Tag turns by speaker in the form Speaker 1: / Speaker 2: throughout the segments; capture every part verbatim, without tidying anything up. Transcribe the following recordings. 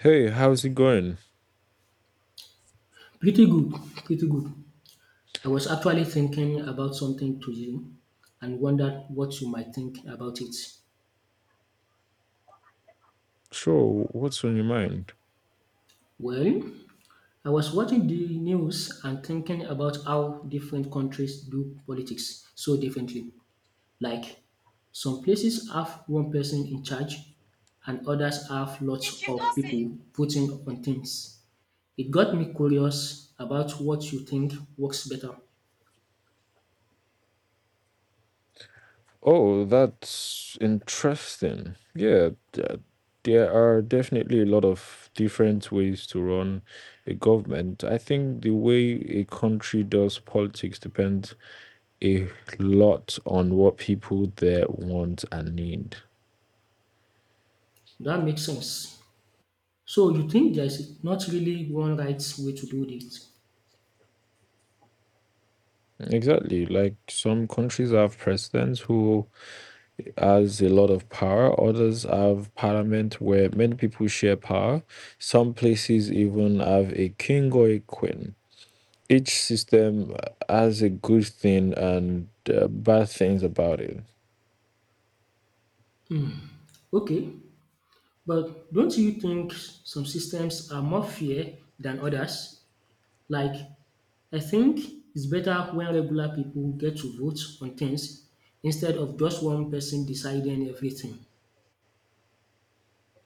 Speaker 1: Hey, how's it going?
Speaker 2: Pretty good, pretty good. I was actually thinking about something today and wondered what you might think about it.
Speaker 1: Sure, what's on your mind?
Speaker 2: Well, I was watching the news and thinking about how different countries do politics so differently. Like, some places have one person in charge and others have lots of people voting on things. It got me curious about what you think works better.
Speaker 1: Oh, that's interesting. Yeah, th- there are definitely a lot of different ways to run a government. I think the way a country does politics depends a lot on what people there want and need.
Speaker 2: That makes sense. So you think there's not really one right way to do this?
Speaker 1: Exactly. Like some countries have presidents who has a lot of power. Others have parliament where many people share power. Some places even have a king or a queen. Each system has a good thing and uh, bad things about it.
Speaker 2: Okay, but don't you think some systems are more fair than others? Like, I think it's better when regular people get to vote on things instead of just one person deciding everything.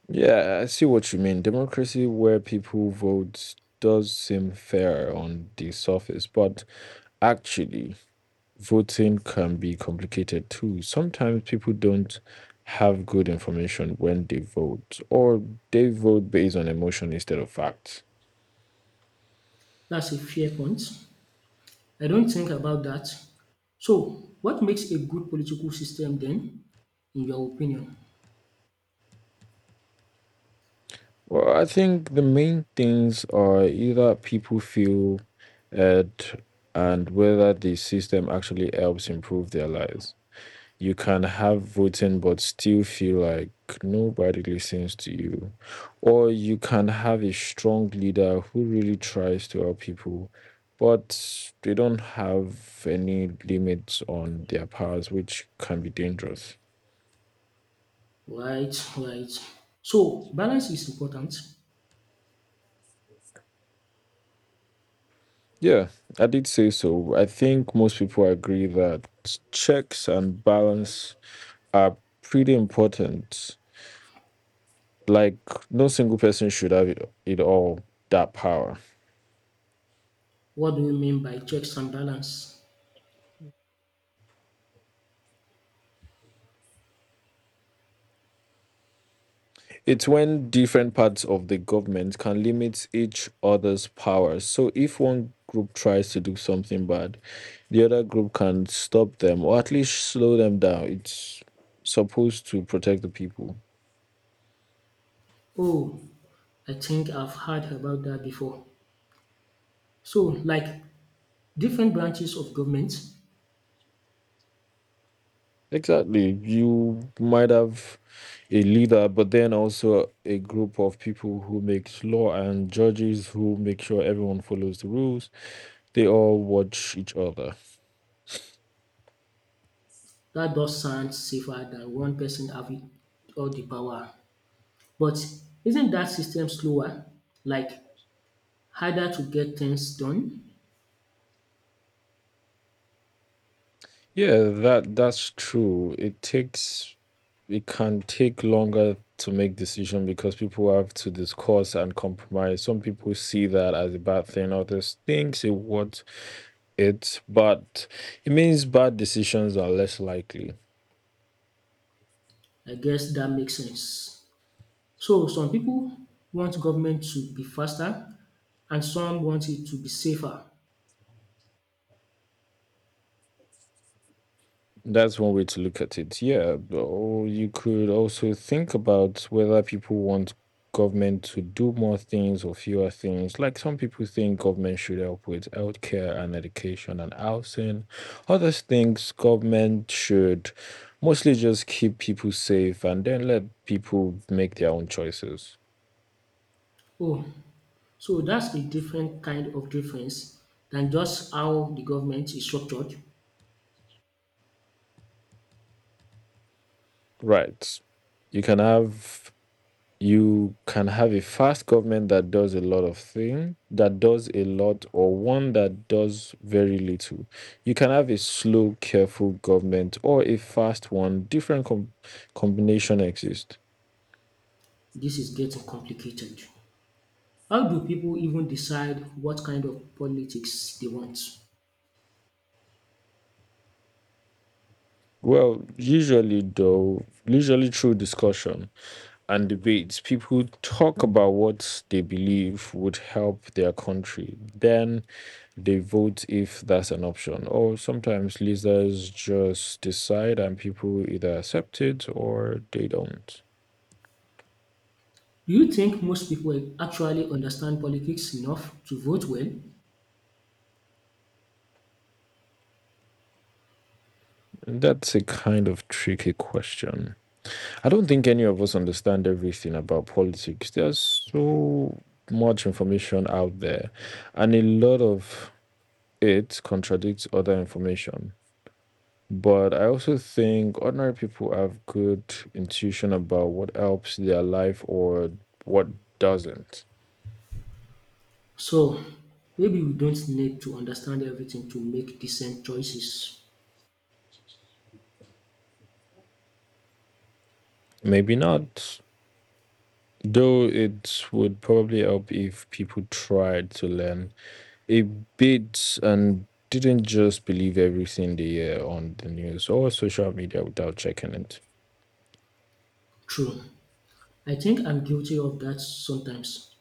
Speaker 1: Yeah, I see what you mean. Democracy where people vote does seem fair on the surface, but actually, voting can be complicated too. Sometimes people don't have good information when they vote, or they vote based on emotion instead of facts.
Speaker 2: That's a fair point. I don't think about that. So, what makes a good political system then, in your opinion?
Speaker 1: Well, I think the main things are either people feel at and whether the system actually helps improve their lives. You can have voting but still feel like nobody listens to you. Or you can have a strong leader who really tries to help people, but they don't have any limits on their powers, which can be dangerous.
Speaker 2: Right, right. So, balance is important.
Speaker 1: Yeah, I did say so. I think most people agree that checks and balance are pretty important. Like, no single person should have it, it all, that power.
Speaker 2: What do you mean by checks and balance?
Speaker 1: It's when different parts of the government can limit each other's powers. So if one group tries to do something bad, the other group can stop them or at least slow them down. It's supposed to protect the people.
Speaker 2: Oh, I think I've heard about that before. So, like, different branches of government.
Speaker 1: Exactly. You might have a leader, but then also a group of people who makes law and judges who make sure everyone follows the rules. They all watch each other.
Speaker 2: That does sound safer than one person having all the power. But isn't that system slower? Like, harder to get things done?
Speaker 1: Yeah, that that's true. It takes it can take longer to make decision because people have to discuss and compromise. Some people see that as a bad thing, others thinks it what it, but it means bad decisions are less likely.
Speaker 2: I guess that makes sense. So, some people want government to be faster and some want it to be safer.
Speaker 1: That's one way to look at it. Yeah. Or you could also think about whether people want government to do more things or fewer things. Like some people think government should help with healthcare and education and housing. Others think government should mostly just keep people safe and then let people make their own choices.
Speaker 2: Oh. So that's a different kind of difference than just how the government is structured.
Speaker 1: Right. You can have you can have a fast government that does a lot of thing that does a lot or one that does very little. You can have a slow careful government or a fast one. Different com- combination exist.
Speaker 2: This is getting complicated. How do people even decide what kind of politics they want?
Speaker 1: well usually though usually through discussion and debates. People talk about what they believe would help their country. Then they vote if that's an option. Or sometimes leaders just decide and people either accept it or they don't.
Speaker 2: Do you think most people actually understand politics enough to vote well?
Speaker 1: That's a kind of tricky question. I don't think any of us understand everything about politics. There's so much information out there, and a lot of it contradicts other information. But I also think ordinary people have good intuition about what helps their life or what doesn't.
Speaker 2: So maybe we don't need to understand everything to make decent choices.
Speaker 1: Maybe not, though it would probably help if people tried to learn a bit and didn't just believe everything they hear on the news or social media without checking it.
Speaker 2: True. I think I'm guilty of that sometimes.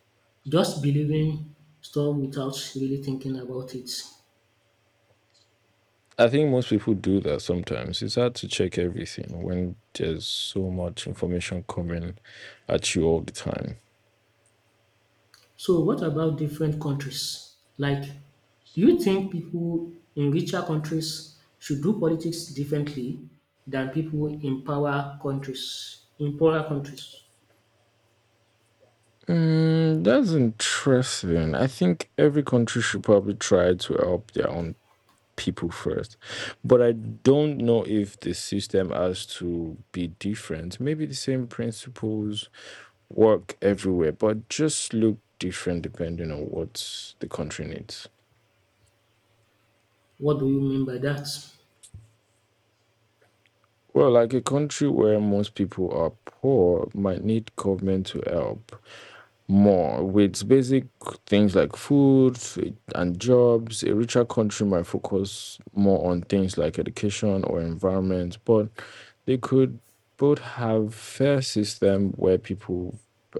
Speaker 2: Just believing stuff without really thinking about it.
Speaker 1: I think most people do that sometimes. It's hard to check everything when there's so much information coming at you all the time.
Speaker 2: So what about different countries? Like, do you think people in richer countries should do politics differently than people in power countries? In poorer countries,
Speaker 1: Mm, that's interesting. I think every country should probably try to help their own people first. But I don't know if the system has to be different. Maybe the same principles work everywhere, but just look different depending on what the country needs.
Speaker 2: what do you mean by that?
Speaker 1: Well, like a country where most people are poor might need government to help, more with basic things like food and jobs. A richer country might focus more on things like education or environment, but they could both have fair system where people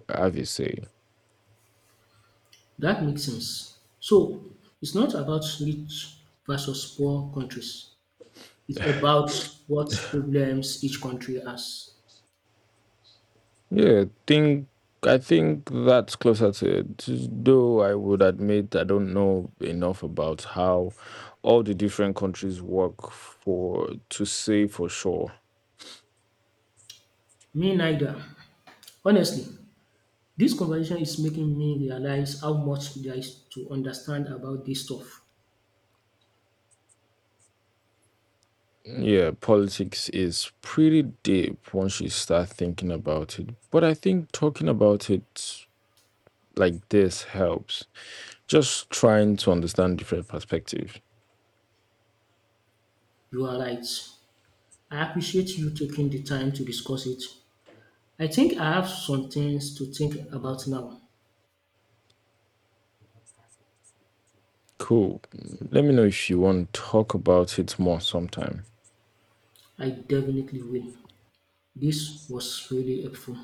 Speaker 1: have a say.
Speaker 2: That makes sense. So it's not about rich versus poor countries. It's about what problems each country has.
Speaker 1: Yeah, think I think that's closer to it. Though I would admit I don't know enough about how all the different countries work for to say for sure.
Speaker 2: Me neither. Honestly, this conversation is making me realize how much there is to understand about this stuff.
Speaker 1: Yeah, politics is pretty deep once you start thinking about it. But I think talking about it like this helps. Just trying to understand different perspectives.
Speaker 2: You are right. I appreciate you taking the time to discuss it. I think I have some things to think about now.
Speaker 1: Cool. Let me know if you want to talk about it more sometime.
Speaker 2: I definitely will. This was really helpful.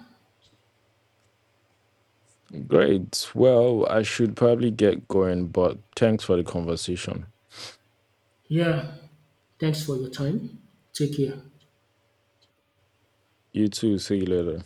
Speaker 1: Great. Well, I should probably get going, but thanks for the conversation.
Speaker 2: Yeah, thanks for your time. Take care.
Speaker 1: You too. See you later.